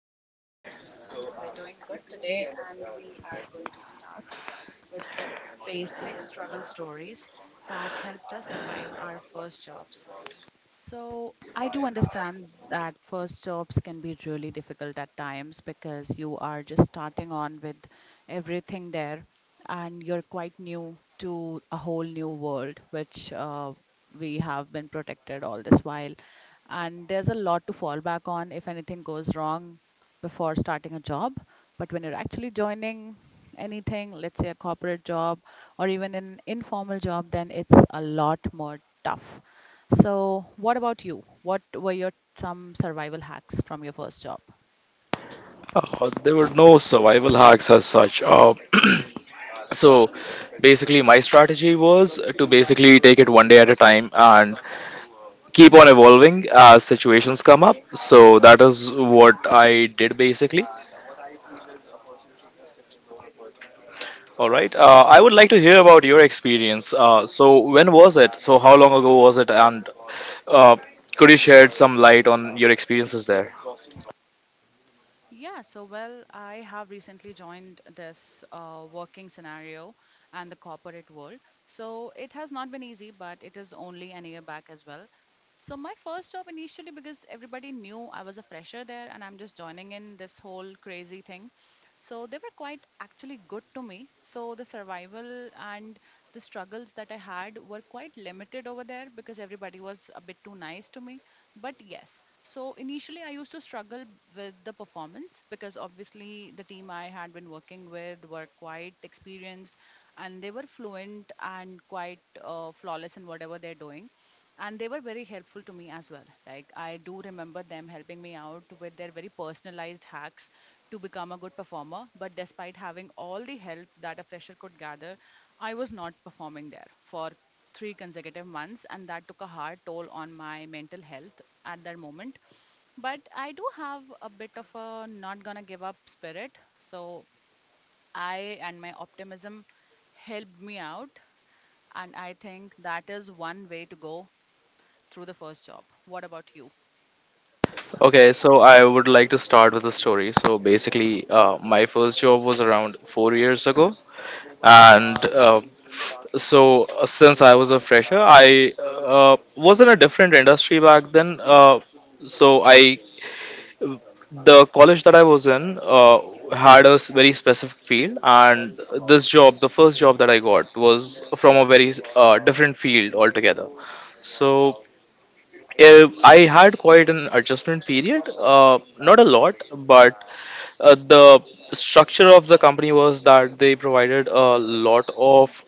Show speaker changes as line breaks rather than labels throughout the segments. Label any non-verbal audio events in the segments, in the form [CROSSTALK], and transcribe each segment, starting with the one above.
how are you doing today?
Today, we're going to struggle stories that helped us survive our first jobs. So I do understand that first jobs can be really difficult at times because you are just starting on with everything there and you're quite new to a whole new world, which we have been protected all this while. And there's a lot to fall back on if anything goes wrong before starting a job. But when you're actually joining anything, let's say a corporate job or even an informal job, then it's a lot more tough. So what about you? What were your some survival hacks from your first job?
There were no survival hacks as such. So basically, my strategy was to basically take it one day at a time and keep on evolving as situations come up. So that is what I did basically. All right. I would like to hear about your experience. So when was it? So how long ago was it? And uh, could you shed some light on your experiences there?
Yeah, so well, I have recently joined this working scenario and the corporate world. So it has not been easy, but it is only an year back as well. So my first job initially, because everybody knew I was a fresher there and I'm just joining in this whole crazy thing. So they were quite actually good to me. So the survival and the struggles that I had were quite limited over there because everybody was a bit too nice to me. But yes, so initially, I used to struggle with the performance because obviously the team I had been working with were quite experienced and they were fluent and quite flawless in whatever they're doing, and they were very helpful to me as well. Like, I do remember them helping me out with their very personalized hacks to become a good performer, but despite having all the help that a fresher could gather, I was not performing there for three consecutive months, and that took a hard toll on my mental health at that moment. But I do have a bit of a not gonna give up spirit. So I and my optimism helped me out. And I think that is one way to go through the first job. What about you?
Okay, so I would like to start with a story. So basically, my first job was around 4 years ago, and since I was a fresher, I was in a different industry back then. So I, the college that I was in, had a very specific field, and this job, the first job that I got, was from a very different field altogether. So I had quite an adjustment period. Not a lot, but the structure of the company was that they provided a lot of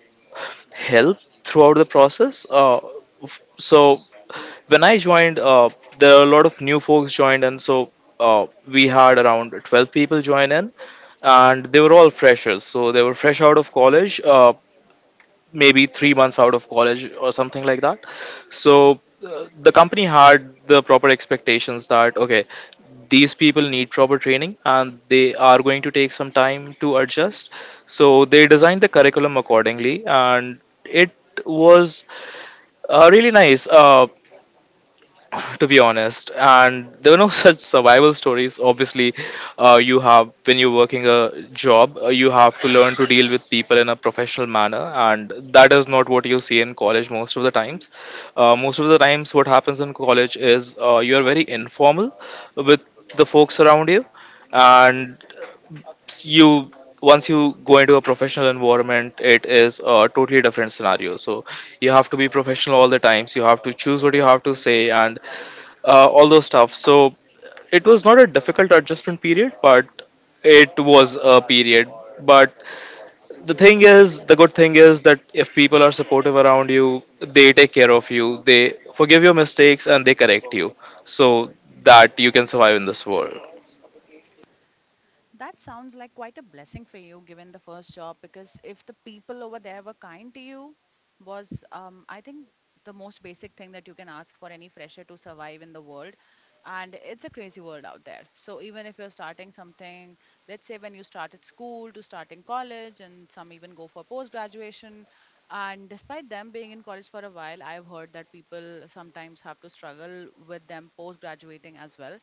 help throughout the process. So when I joined, there were a lot of new folks joined, and so we had around 12 people join in, and they were all freshers. So they were fresh out of college. Maybe 3 months out of college or something like that. So the company had the proper expectations that okay, these people need proper training and they are going to take some time to adjust. So they designed the curriculum accordingly, and it was really nice. To be honest. And there were no [LAUGHS] such survival stories. Obviously, you have when you're working a job, you have to learn to deal with people in a professional manner, and that is not what you see in college most of the times. Most of the times, what happens in college is you are very informal with the folks around you, and you once you go into a professional environment, it is a totally different scenario. So you have to be professional all the times. You have to choose what you have to say, and all those stuff. So it was not a difficult adjustment period, but it was a period. But the thing is, the good thing is that if people are supportive around you, they take care of you, they forgive your mistakes, and they correct you so that you can survive in this world.
That sounds like quite a blessing for you, given the first job, because if the people over there were kind to you, was I think the most basic thing that you can ask for any fresher to survive in the world. And it's a crazy world out there. So even if you're starting something, let's say when you start at school to starting college, and some even go for post graduation. And despite them being in college for a while, I've heard that people sometimes have to struggle with them post graduating as well.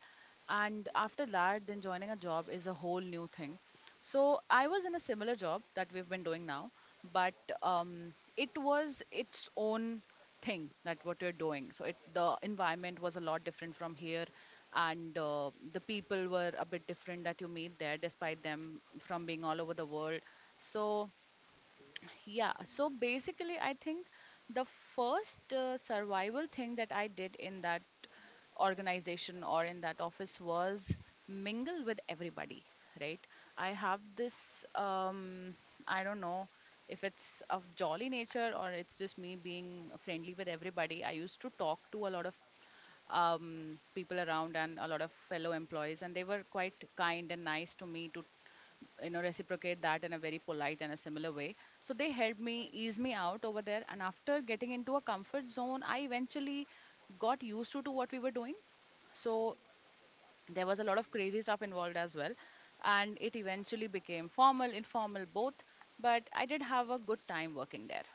And after that, then joining a job is a whole new thing. So I was in a similar job that we've been doing now, but it was its own thing that what you're doing. So it, the environment was a lot different from here, and the people were a bit different that you meet there despite them from being all over the world. So yeah, so basically, I think the first survival thing that I did in that organization or in that office was mingle with everybody, right? I have this, I don't know if it's of jolly nature or it's just me being friendly with everybody. I used to talk to a lot of people around and a lot of fellow employees, and they were quite kind and nice to me to, you know, reciprocate that in a very polite and a similar way. So they helped me ease me out over there, and after getting into a comfort zone, I eventually got used to what we were doing. So there was a lot of crazy stuff involved as well, and it eventually became formal informal both, but I did have a good time working there.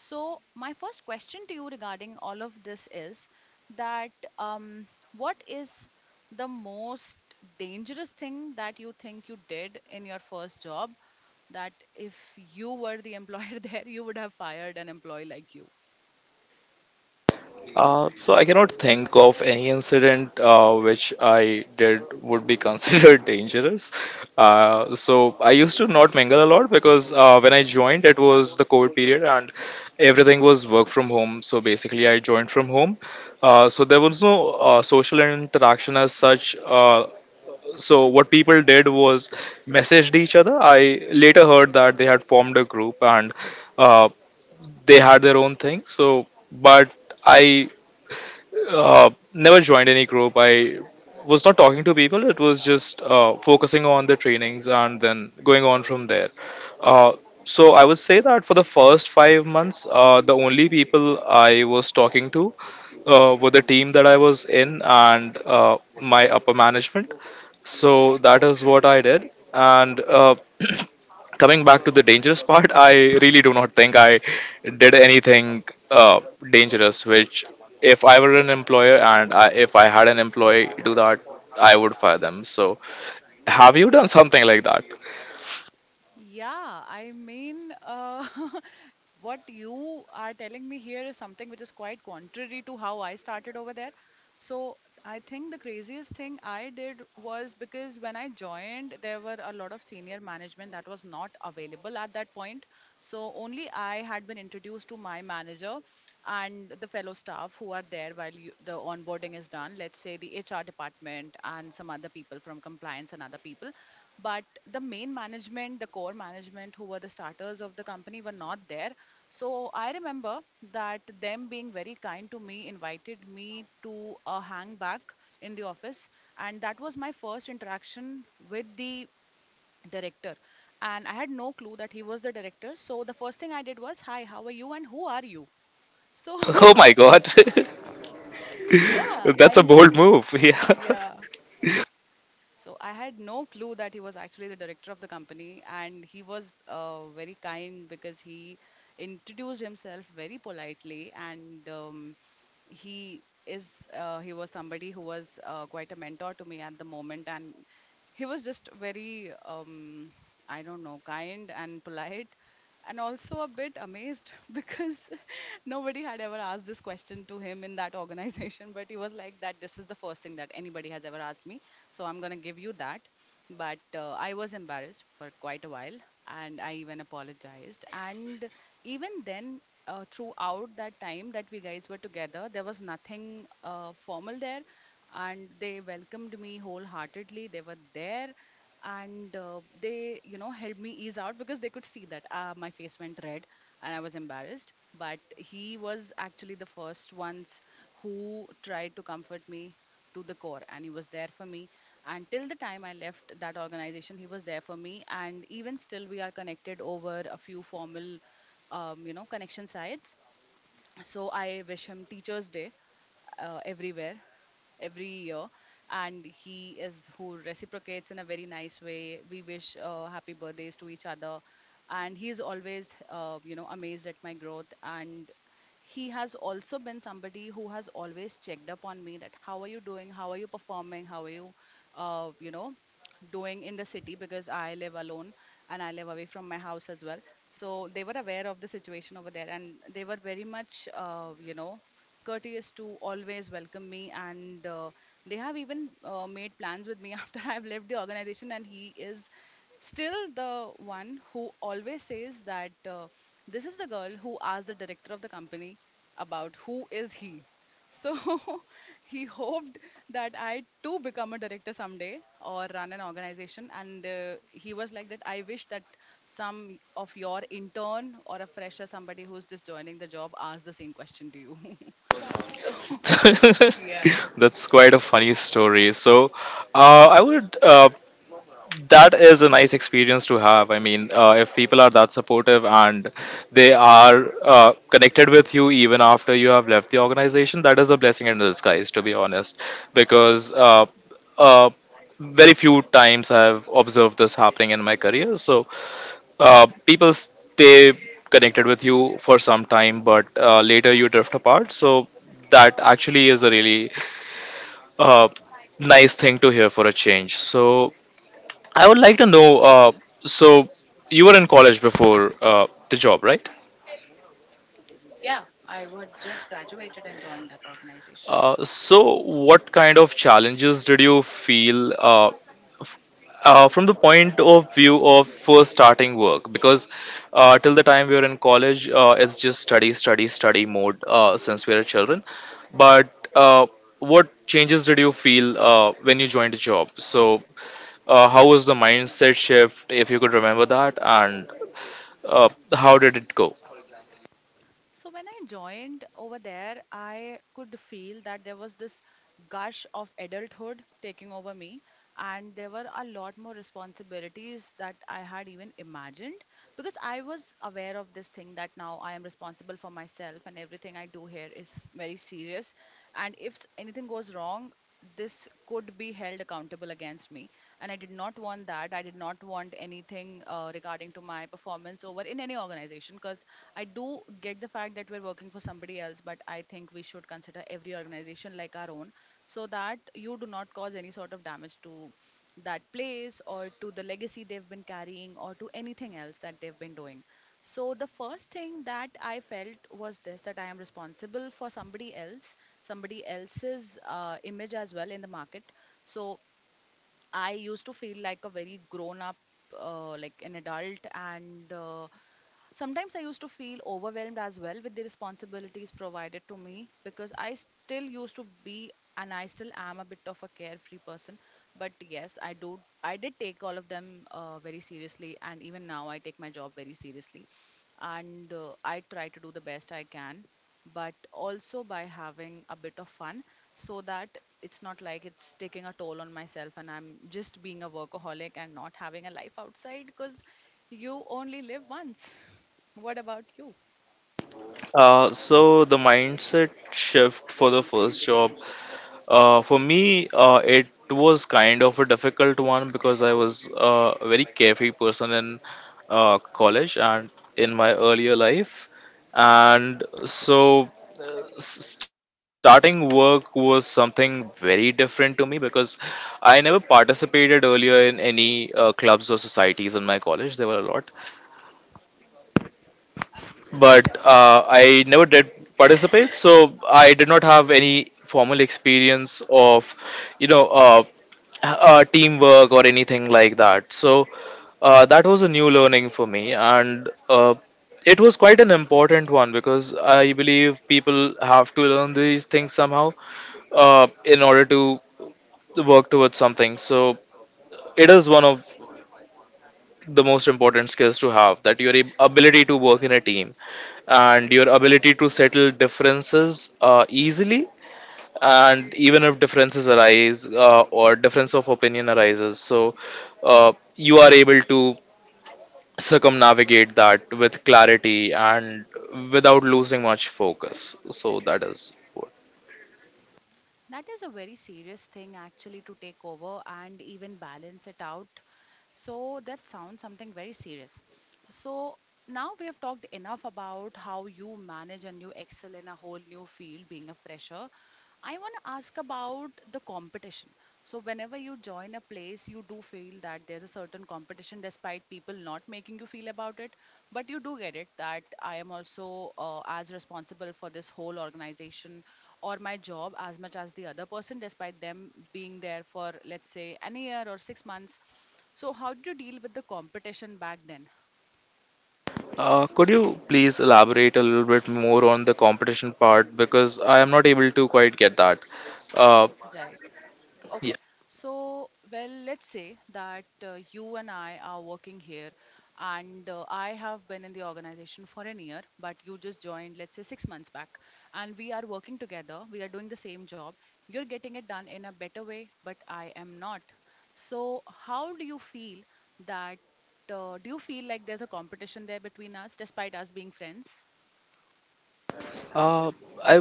So my first question to you regarding all of this is that, um, what is the most dangerous thing that you think you did in your first job that if you were the employer [LAUGHS] there you would have fired an employee like you?
So I cannot think of any incident which I did would be considered [LAUGHS] dangerous. So I used to not mingle a lot because when I joined, it was the COVID period and everything was work from home. So basically, I joined from home. So there was no social interaction as such. So what people did was messaged each other. I later heard that they had formed a group and uh, they had their own thing. So, but I never joined any group. I was not talking to people. It was just focusing on the trainings and then going on from there. Uh, so I would say that for the first 5 months, the only people I was talking to were the team that I was in and my upper management. So that is what I did. And [CLEARS THROAT] Coming back to the dangerous part, I really do not think I did anything uh, dangerous. If I were an employer and if I had an employee do that, I would fire them. So, have you done something like that? [LAUGHS]
Yeah, I mean, [LAUGHS] what you are telling me here is something which is quite contrary to how I started over there. So I think the craziest thing I did was, because when I joined, there were a lot of senior management that was not available at that point. So only I had been introduced to my manager and the fellow staff who are there while you, the onboarding is done. Let's say the HR department and some other people from compliance and other people, but the main management, the core management, who were the starters of the company, were not there. So I remember that them being very kind to me invited me to a hang back in the office, and that was my first interaction with the director. And I had no clue that he was the director, so the first thing I did was hi, how are you and who are you? So
Oh
[LAUGHS]
my god, [LAUGHS]
yeah,
that's
I
a bold
mean,
move. [LAUGHS] Yeah.
yeah. So I had no clue that he was actually the director of the company, and he was very kind because he introduced himself very politely, and he is he was somebody who was quite a mentor to me at the moment, and he was just very I don't know, kind and polite, and also a bit amazed [LAUGHS] because nobody had ever asked this question to him in that [LAUGHS] organization. But he was like, that this is the first thing that anybody has ever asked me. So I'm going to give you that. But I was embarrassed for quite a while, and I even apologized. And even then, throughout that time that we guys were together, there was nothing formal there. And they welcomed me wholeheartedly. They were there, and they, you know, helped me ease out because they could see that my face went red and I was embarrassed. But he was actually the first ones who tried to comfort me to the core, and he was there for me. And till the time I left that organization, he was there for me. And even still, we are connected over a few formal, you know, connection sites. So I wish him teachers day everywhere, every year, and he is who reciprocates in a very nice way. We wish happy birthdays to each other, and he is always you know, amazed at my growth. And he has also been somebody who has always checked up on me, that how are you doing, how are you performing, how are you you know, doing in the city, because I live alone and I live away from my house as well. So they were aware of the situation over there, and they were very much you know, courteous to always welcome me. And they have even made plans with me [LAUGHS] after I've left the organization. And he is still the one who always says that this is the girl who asked the director of the company about who is he. So [LAUGHS] he hoped that I too become a director someday or run an organization. And he was like, that I wish that some of your intern or a fresher, somebody who's just joining the job, ask the same question to you. [LAUGHS] So, [LAUGHS] yeah.
[LAUGHS] That's quite a funny story. So, I would that is a nice experience to have. I mean, if people are that supportive and they are connected with you even after you have left the organization, that is a blessing in disguise, to be honest. Because uh, uh, very few times I've observed this happening in my career. So people stay connected with you for some time, but later you drift apart. So that actually is a really uh, nice thing to hear for a change. So I would like to know. So you were in college before the job, right?
Yeah, I would just graduated and joined that organization.
So what kind of challenges did you feel f- from the point of view of first starting work? Because till the time we were in college, it's just study, study, study mode since we are children. But what changes did you feel when you joined a job? So how was the mindset shift, if you could remember that, and uh, how did it go?
So when I joined over there, I could feel that there was this gush of adulthood taking over me, and there were a lot more responsibilities that I had even imagined because I was aware of this thing that now I am responsible for myself, and everything I do here is very serious. And if anything goes wrong, this could be held accountable against me. And I did not want that. I did not want anything regarding to my performance over in any organization. I do get the fact that we're working for somebody else, but I think we should consider every organization like our own so that you do not cause any sort of damage to that place or to the legacy they've been carrying or to anything else that they've been doing. So, the first thing that I felt was this, that I am responsible for somebody else, somebody else's image as well in the market. So, I used to feel like a very grown up, like an adult, and sometimes I used to feel overwhelmed as well with the responsibilities provided to me because I still used to be and I still am a bit of a carefree person. But yes, I do. I did take all of them very seriously, and even now I take my job very seriously and I try to do the best I can, but also by having a bit of fun so that it's not like it's taking a toll on myself and I'm just being a workaholic and not having a life outside because you only live once. [LAUGHS] What about you?
So the mindset shift for the first job, for me, it was kind of a difficult one because I was a very carefree person in college and in my earlier life, and so starting work was something very different to me because I never participated earlier in any clubs or societies in my college. There were a lot, but I never did participate, so I did not have any formal experience of, you know, uh, teamwork or anything like that. So that was a new learning for me, and it was quite an important one because I believe people have to learn these things somehow in order to work towards something. So it is one of the most important skills to have, that your ability to work in a team and your ability to settle differences easily, and even if differences arise or difference of opinion arises, so you are able to circumnavigate that with clarity and without losing much focus. So that is what.
That is a very serious thing actually to take over and even balance it out. So that sounds something very serious. So now we have talked enough about how you manage and you excel in a whole new field being a fresher. I want to ask about the competition. So whenever you join a place, you do feel that there's a certain competition despite people not making you feel about it, but you do get it that I am also as responsible for this whole organization or my job as much as the other person despite them being there for let's say an year or 6 months. So how did you deal with the competition back then?
Could you please elaborate a little bit more on the competition part, because I am not able to quite get that. uh,
Right. Okay,
yeah.
so well, let's say that you and I are working here, and I have been in the organization for an year, but you just joined, let's say, 6 months back, and we are working together. We are doing the same job. You're getting it done in a better way, but I am not. So, how do you feel that? Do you feel like there's a competition there between us, despite us being friends?
Uh, I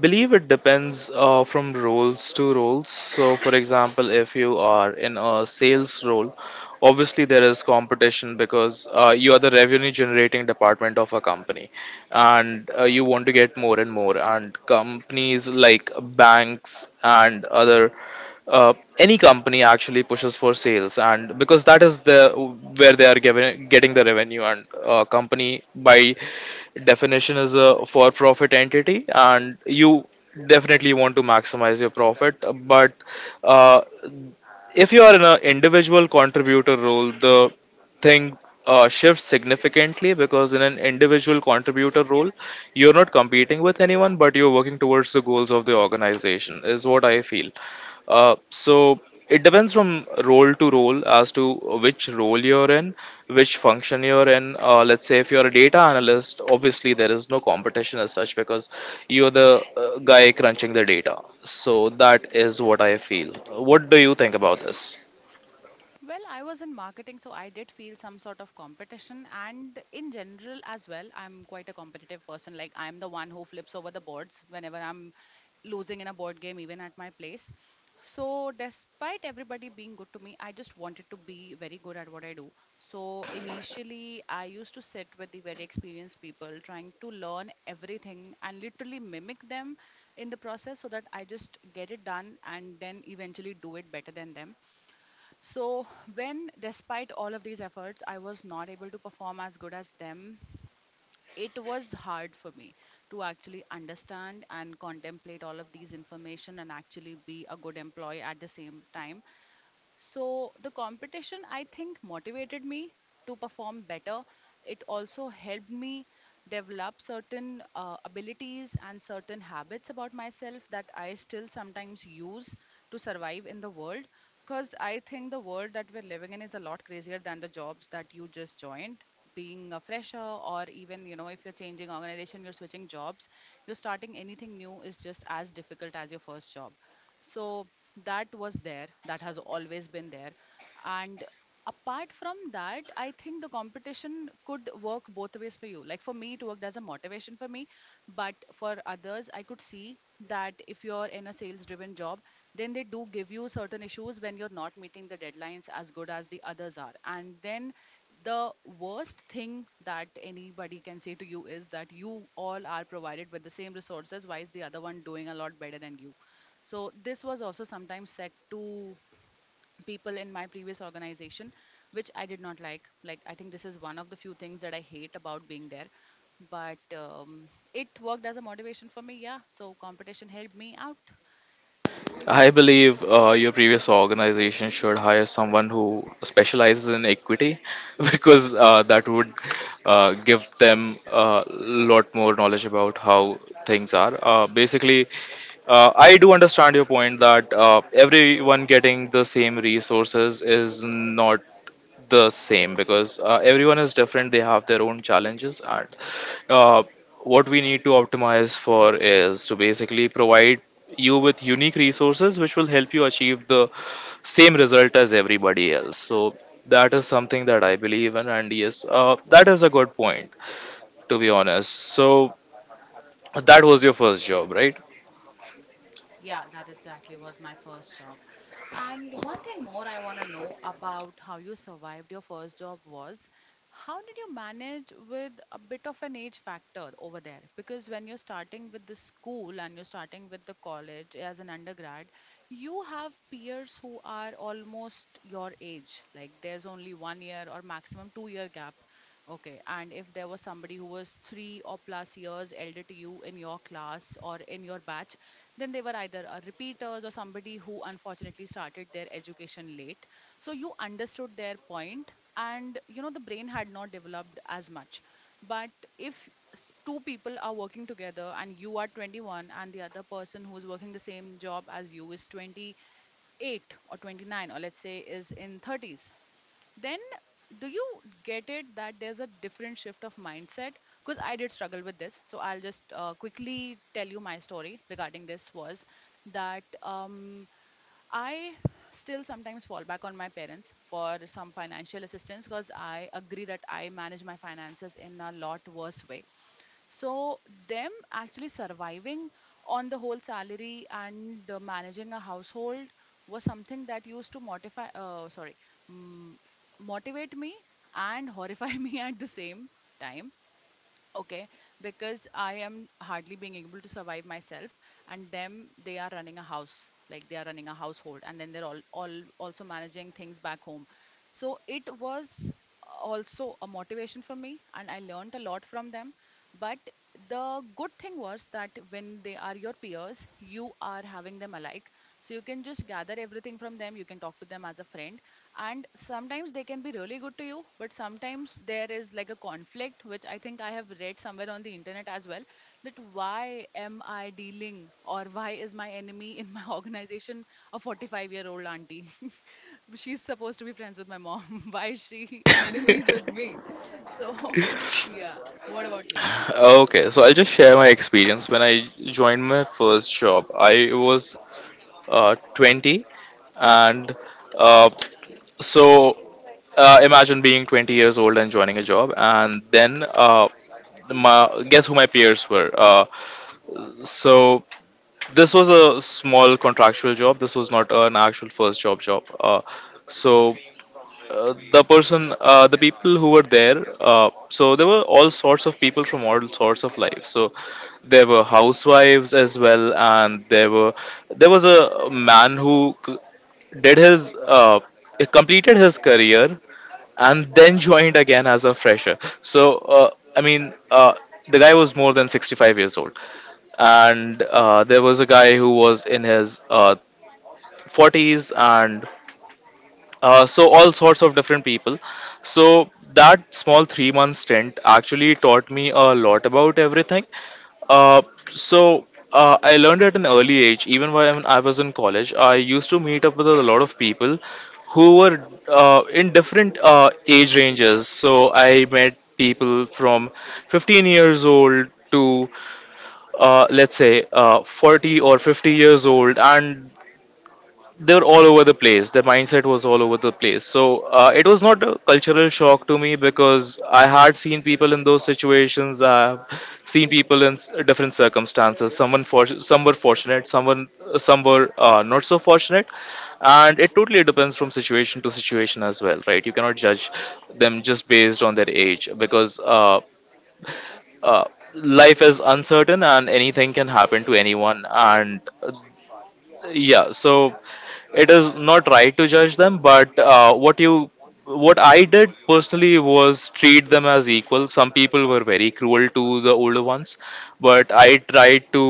believe it depends from roles to roles. So, for example, if you are in a sales role, obviously there is competition because you are the revenue generating department of a company, and you want to get more and more. And companies like banks and other, uh, any company actually pushes for sales. And because that is the where they are given, getting the revenue, and a company by definition is a for profit entity and you definitely want to maximize your profit. But uh, if you are in an individual contributor role, the thing shifts significantly, because in an individual contributor role, you're not competing with anyone, but you're working towards the goals of the organization, is what I feel. So it depends from role to role as to which role you're in, which function you're in. Let's say if you're a data analyst, obviously there is no competition as such because you're the guy crunching the data. So that is what I feel. What do you think about this?
Well, I was in marketing, so I did feel some sort of competition. And in general, as well, I'm quite a competitive person. Like, I'm the one who flips over the boards whenever I'm losing in a board game, even at my place. So, despite everybody being good to me, I just wanted to be very good at what I do. So, initially, I used to sit with the very experienced people, trying to learn everything and literally mimic them in the process so that I just get it done and then eventually do it better than them. So, when despite all of these efforts, I was not able to perform as good as them, it was hard for me to actually understand and contemplate all of these information and actually be a good employee at the same time. So the competition, I think, motivated me to perform better. It also helped me develop certain abilities and certain habits about myself that I still sometimes use to survive in the world. Because I think the world that we're living in is a lot crazier than the jobs that you just joined. Being a fresher, or even you know, if you're changing organization, you're switching jobs, you're starting anything new is just as difficult as your first job. So that was there, that has always been there. And apart from that, I think the competition could work both ways for you. Like for me, it worked as a motivation for me, but for others I could see that if you're in a sales driven job, then they do give you certain issues when you're not meeting the deadlines as good as the others are. And then the worst thing that anybody can say to you is that you all are provided with the same resources, why is the other one doing a lot better than you? So this was also sometimes said to people in my previous organization, which I did not like. Like I think this is one of the few things that I hate about being there. But it worked as a motivation for me. Yeah. So competition helped me out.
I believe your previous organization should hire someone who specializes in equity [LAUGHS] because that would give them a lot more knowledge about how things are. Basically, I do understand your point that everyone getting the same resources is not the same, because everyone is different, they have their own challenges, and uh, what we need to optimize for is to basically provide you with unique resources which will help you achieve the same result as everybody else. So that is something that I believe in, and yes, that is a good point, to be honest. So that was your first job, right?
Yeah, that exactly was my first job. And one thing more I want to know about how you survived your first job was, how did you manage with a bit of an age factor over there? Because when you're starting with the school and you're starting with the college as an undergrad, you have peers who are almost your age. Like there's only 1 year or maximum 2 year gap. Okay, and if there was somebody who was three or plus years elder to you in your class or in your batch, then they were either repeaters or somebody who unfortunately started their education late. So you understood their point, and you know the brain had not developed as much. But if two people are working together and you are 21 and the other person who is working the same job as you is 28 or 29, or let's say is in 30s, then do you get it that there's a different shift of mindset? Because I did struggle with this, so I'll just quickly tell you my story regarding this was that I still sometimes fall back on my parents for some financial assistance because I agree that I manage my finances in a lot worse way. So, them actually surviving on the whole salary and managing a household was something that used to mortify, sorry, mm, motivate me and horrify [LAUGHS] me at the same time. Okay, because I am hardly being able to survive myself, and them they are running a house, like they are running a household, and then they're all also managing things back home. So it was also a motivation for me, and I learned a lot from them. But the good thing was that when they are your peers, you are having them alike, so you can just gather everything from them. You can talk to them as a friend, and sometimes they can be really good to you, but sometimes there is like a conflict, which I think I have read somewhere on the internet as well, that why am I dealing, or why is my enemy in my [LAUGHS] organization a 45-year-old auntie? [LAUGHS] She's supposed to be friends with my mom. [LAUGHS] Why is she an enemy with me? So [LAUGHS] yeah, what about you?
[LAUGHS] Okay, so I'll just share my experience. When I joined my first job, I was 20, and uh, so imagine being 20 years old and joining a job, and then my guess who my peers were. So this was a small contractual job. This was not an actual first job job. So the people who were there, there were all sorts of people from all sorts of lives. So there were housewives as well, and there was a man who c- did his completed his career and then joined again as a fresher. So I mean, the guy was more than 65 years old, and there was a guy who was in his 40s, and so all sorts of different people. So that small 3 month stint actually taught me a lot about everything. uh, so I learned at an early age. Even when I was in college, I used to meet up with a lot of people who were in different age ranges. So I met people from 15 years old to let's say 40 or 50 years old, and they were all over the place. Their mindset was all over the place. So it was not a cultural shock to me because I had seen people in those situations. I've seen people in different circumstances. Someone for some were fortunate, some were not so fortunate, and it totally depends from situation to situation as well, right? You cannot judge them just based on their age, because uh, life is uncertain and anything can happen to anyone, and yeah. So it is not right to judge them, but what I did personally was treat them as equal. Some people were very cruel to the older ones, but I tried to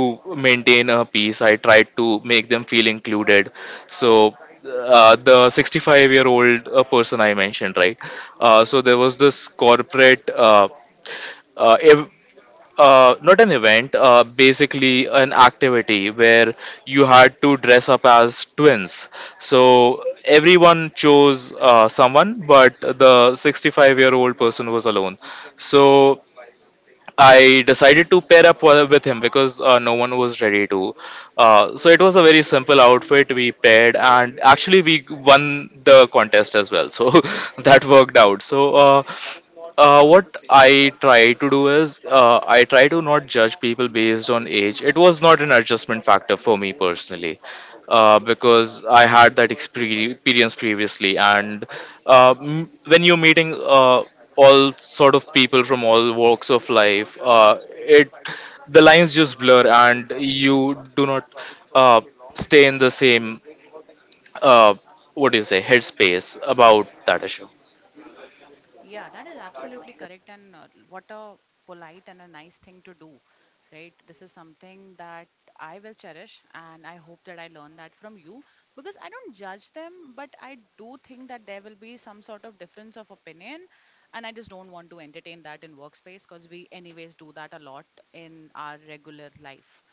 maintain a peace. I tried to make them feel included. So the 65-year-old person I mentioned, right? So there was this corporate uh, ev- not an event, basically an activity where you had to dress up as twins. So everyone chose someone, but the 65-year-old person was alone. So I decided to pair up with him because no one was ready to. So it was a very simple outfit. We paired, and actually we won the contest as well. So [LAUGHS] that worked out. What I try to do is, I try to not judge people based on age. It was not an adjustment factor for me personally, because I had that experience previously. And when you're meeting all sort of people from all walks of life, it the lines just blur, and you do not uh, stay in the same uh, what do you say headspace about that issue.
Yeah, that is absolutely correct. And what a polite and a nice thing to do, right? This is something that I will cherish, and I hope that I learn that from you because I don't judge them, but I do think that there will be some sort of difference of opinion, and I just don't want to entertain that in workspace because we, anyways, do that a lot in our regular life.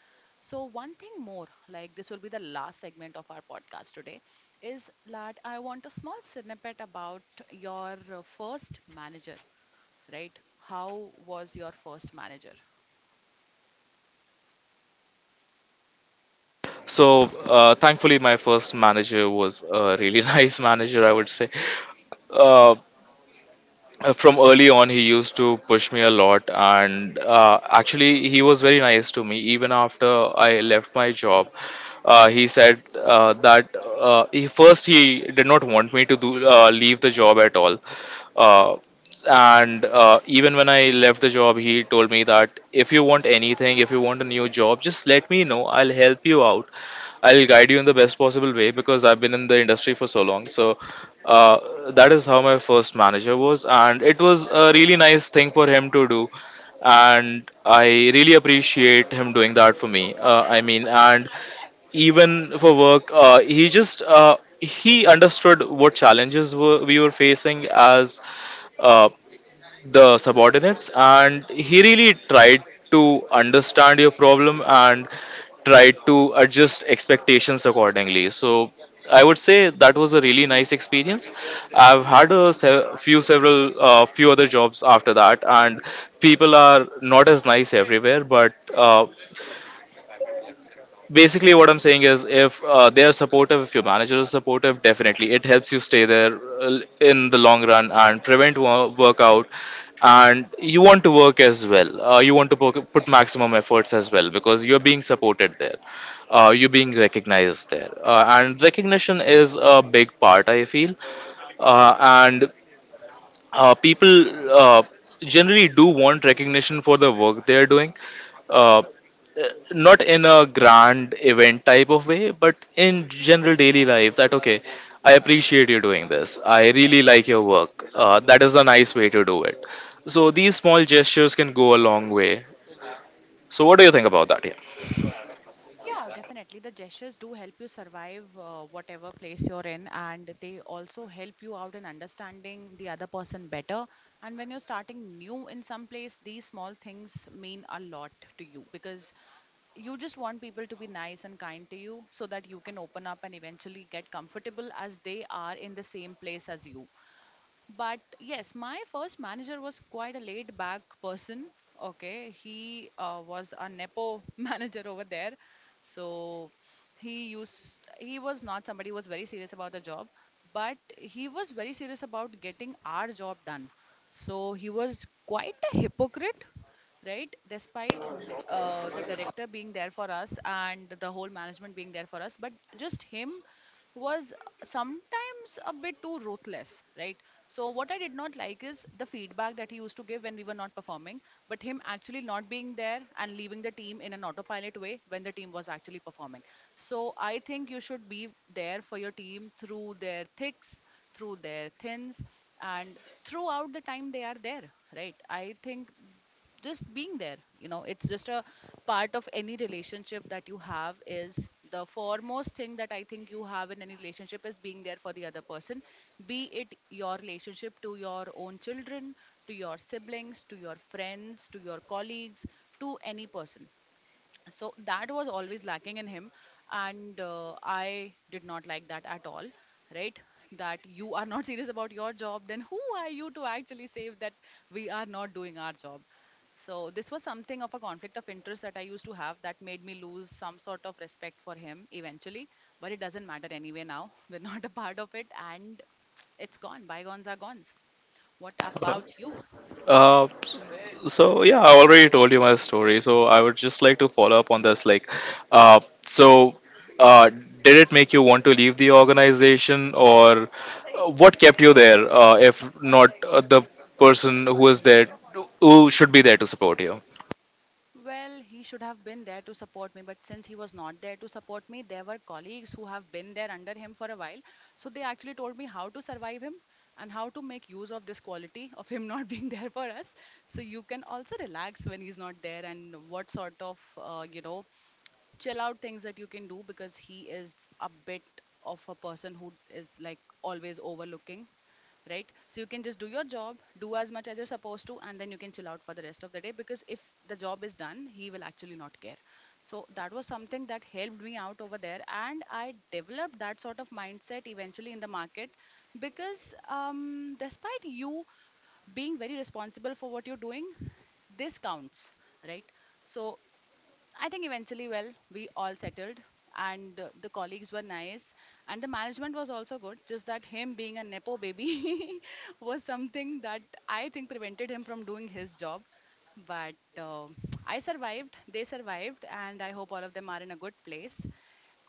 So, one thing more, like this will be the last segment of our podcast today, is that I want a small snippet about your first manager, right? How was your first manager?
So thankfully, my first manager was a really [LAUGHS] nice manager, I would say. Uh, from early on, he used to push me a lot, and actually he was very nice to me even after I left my job. He said that he did not want me to do leave the job at all, uh, and even when I left the job, he told me that if you want anything, if you want a new job, just let me know. I'll help you out. I'll guide you in the best possible way because I've been in the industry for so long. So that is how my first manager was, and it was a really nice thing for him to do, and I really appreciate him doing that for me. I mean, and even for work, he understood what challenges we were facing as uh, the subordinates, and he really tried to understand your problem and tried to adjust expectations accordingly. So I would say that was a really nice experience. I've had a few other jobs after that, and people are not as nice everywhere, but basically what I'm saying is, if they are supportive, if your manager is supportive, definitely it helps you stay there in the long run and prevent workout, and you want to work as well. You want to put maximum efforts as well because you're being supported there. You're being recognized there, and recognition is a big part, I feel. And People uh, generally do want recognition for the work they're doing. Uh, Not in a grand event type of way, but in general daily life, that, okay, I appreciate you doing this. I really like your work. That is a nice way to do it. So these small gestures can go a long way. So what do you think about that, yeah?
Yeah, definitely. The gestures do help you survive whatever place you're in, and they also help you out in understanding the other person better. And when you're starting new in some place, these small things mean a lot to you because you just want people to be nice and kind to you so that you can open up and eventually get comfortable as they are in the same place as you. But yes, my first manager was quite a laid back person. Okay, he was a Nepo [LAUGHS] manager over there. So he was not somebody who was very serious about the job, but he was very serious about getting our job done. So he was quite a hypocrite, right? Despite the director being there for us and the whole management being there for us, but just him was sometimes a bit too ruthless, right? So what I did not like is the feedback that he used to give when we were not performing, but him actually not being there and leaving the team in an autopilot way when the team was actually performing. So I think you should be there for your team through their thicks, through their thins, and throughout the time they are there, right? I think just being there, you know, it's just a part of any relationship that you have, is the foremost thing that I think you have in any relationship is being there for the other person, be it your relationship to your own children, to your siblings, to your friends, to your colleagues, to any person. So that was always lacking in him, and I did not like that at all, right? That you are not [LAUGHS] serious about your job, then who are you to actually say that we are not doing our job? So this was something of a conflict of interest that I used to have that made me lose some sort of respect for him eventually. But it doesn't matter anyway now, [LAUGHS] we're not a part of it, and it's gone, bygones are gones. What about you?
Uh, so yeah, I already told you my story. So I would just like to follow up on this. Like, uh, so did it make you want to leave the organization, or what kept you there? If not the person who is there,
Mm-hmm.
who should be there to support you?
Well, he should have been there to support me, but since he was not there to support me, there were colleagues who have been there under him for a while. So they actually told me how to survive him and how to make use of this quality of him not [LAUGHS] being there for us. So you can also relax when he's not there, and what sort of, you know, chill out things that you can do because he is a bit of a person who is like always overlooking, right? So you can just do your job, do as much as you're supposed to, and then you can chill out for the rest of the day because if the job is done, he will actually not care. So that was something that helped me out over there, and I developed that sort of mindset eventually in the market. Because despite you being very responsible for what you're doing, this counts, right? So I think eventually, well, we all settled, and the colleagues were nice, and the management was also good. Just that him being a Nepo baby [LAUGHS] was something that I think prevented him from doing his job. But I survived, they survived, and I hope all of them are in a good place.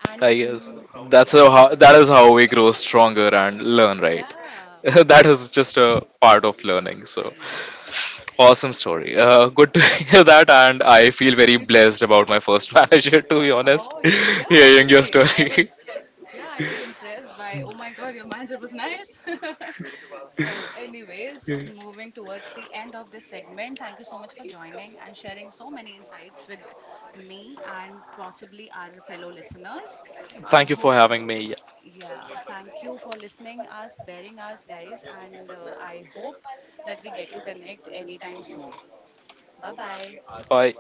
And
I guess
mm, yeah,
that is how we grow stronger and learn, right? [LAUGHS]
yeah,
That is just a part of learning. So
yes, yes.
awesome story. Good to [LAUGHS] hear that, and I feel very blessed about my first [LAUGHS] manager, to be honest,
Oh,
[LAUGHS]
yeah,
hearing your
actually,
story. [LAUGHS]
yeah, I was impressed by, oh my God, your manager was nice. [LAUGHS] So, anyways, moving towards the end of this segment, thank you so much for joining and sharing so many insights with me and possibly our fellow listeners. I
Thank you for
hope you,
having me.
yeah, thank you for listening us, bearing us, guys, and I hope that we get to connect anytime soon. Bye bye.
Bye.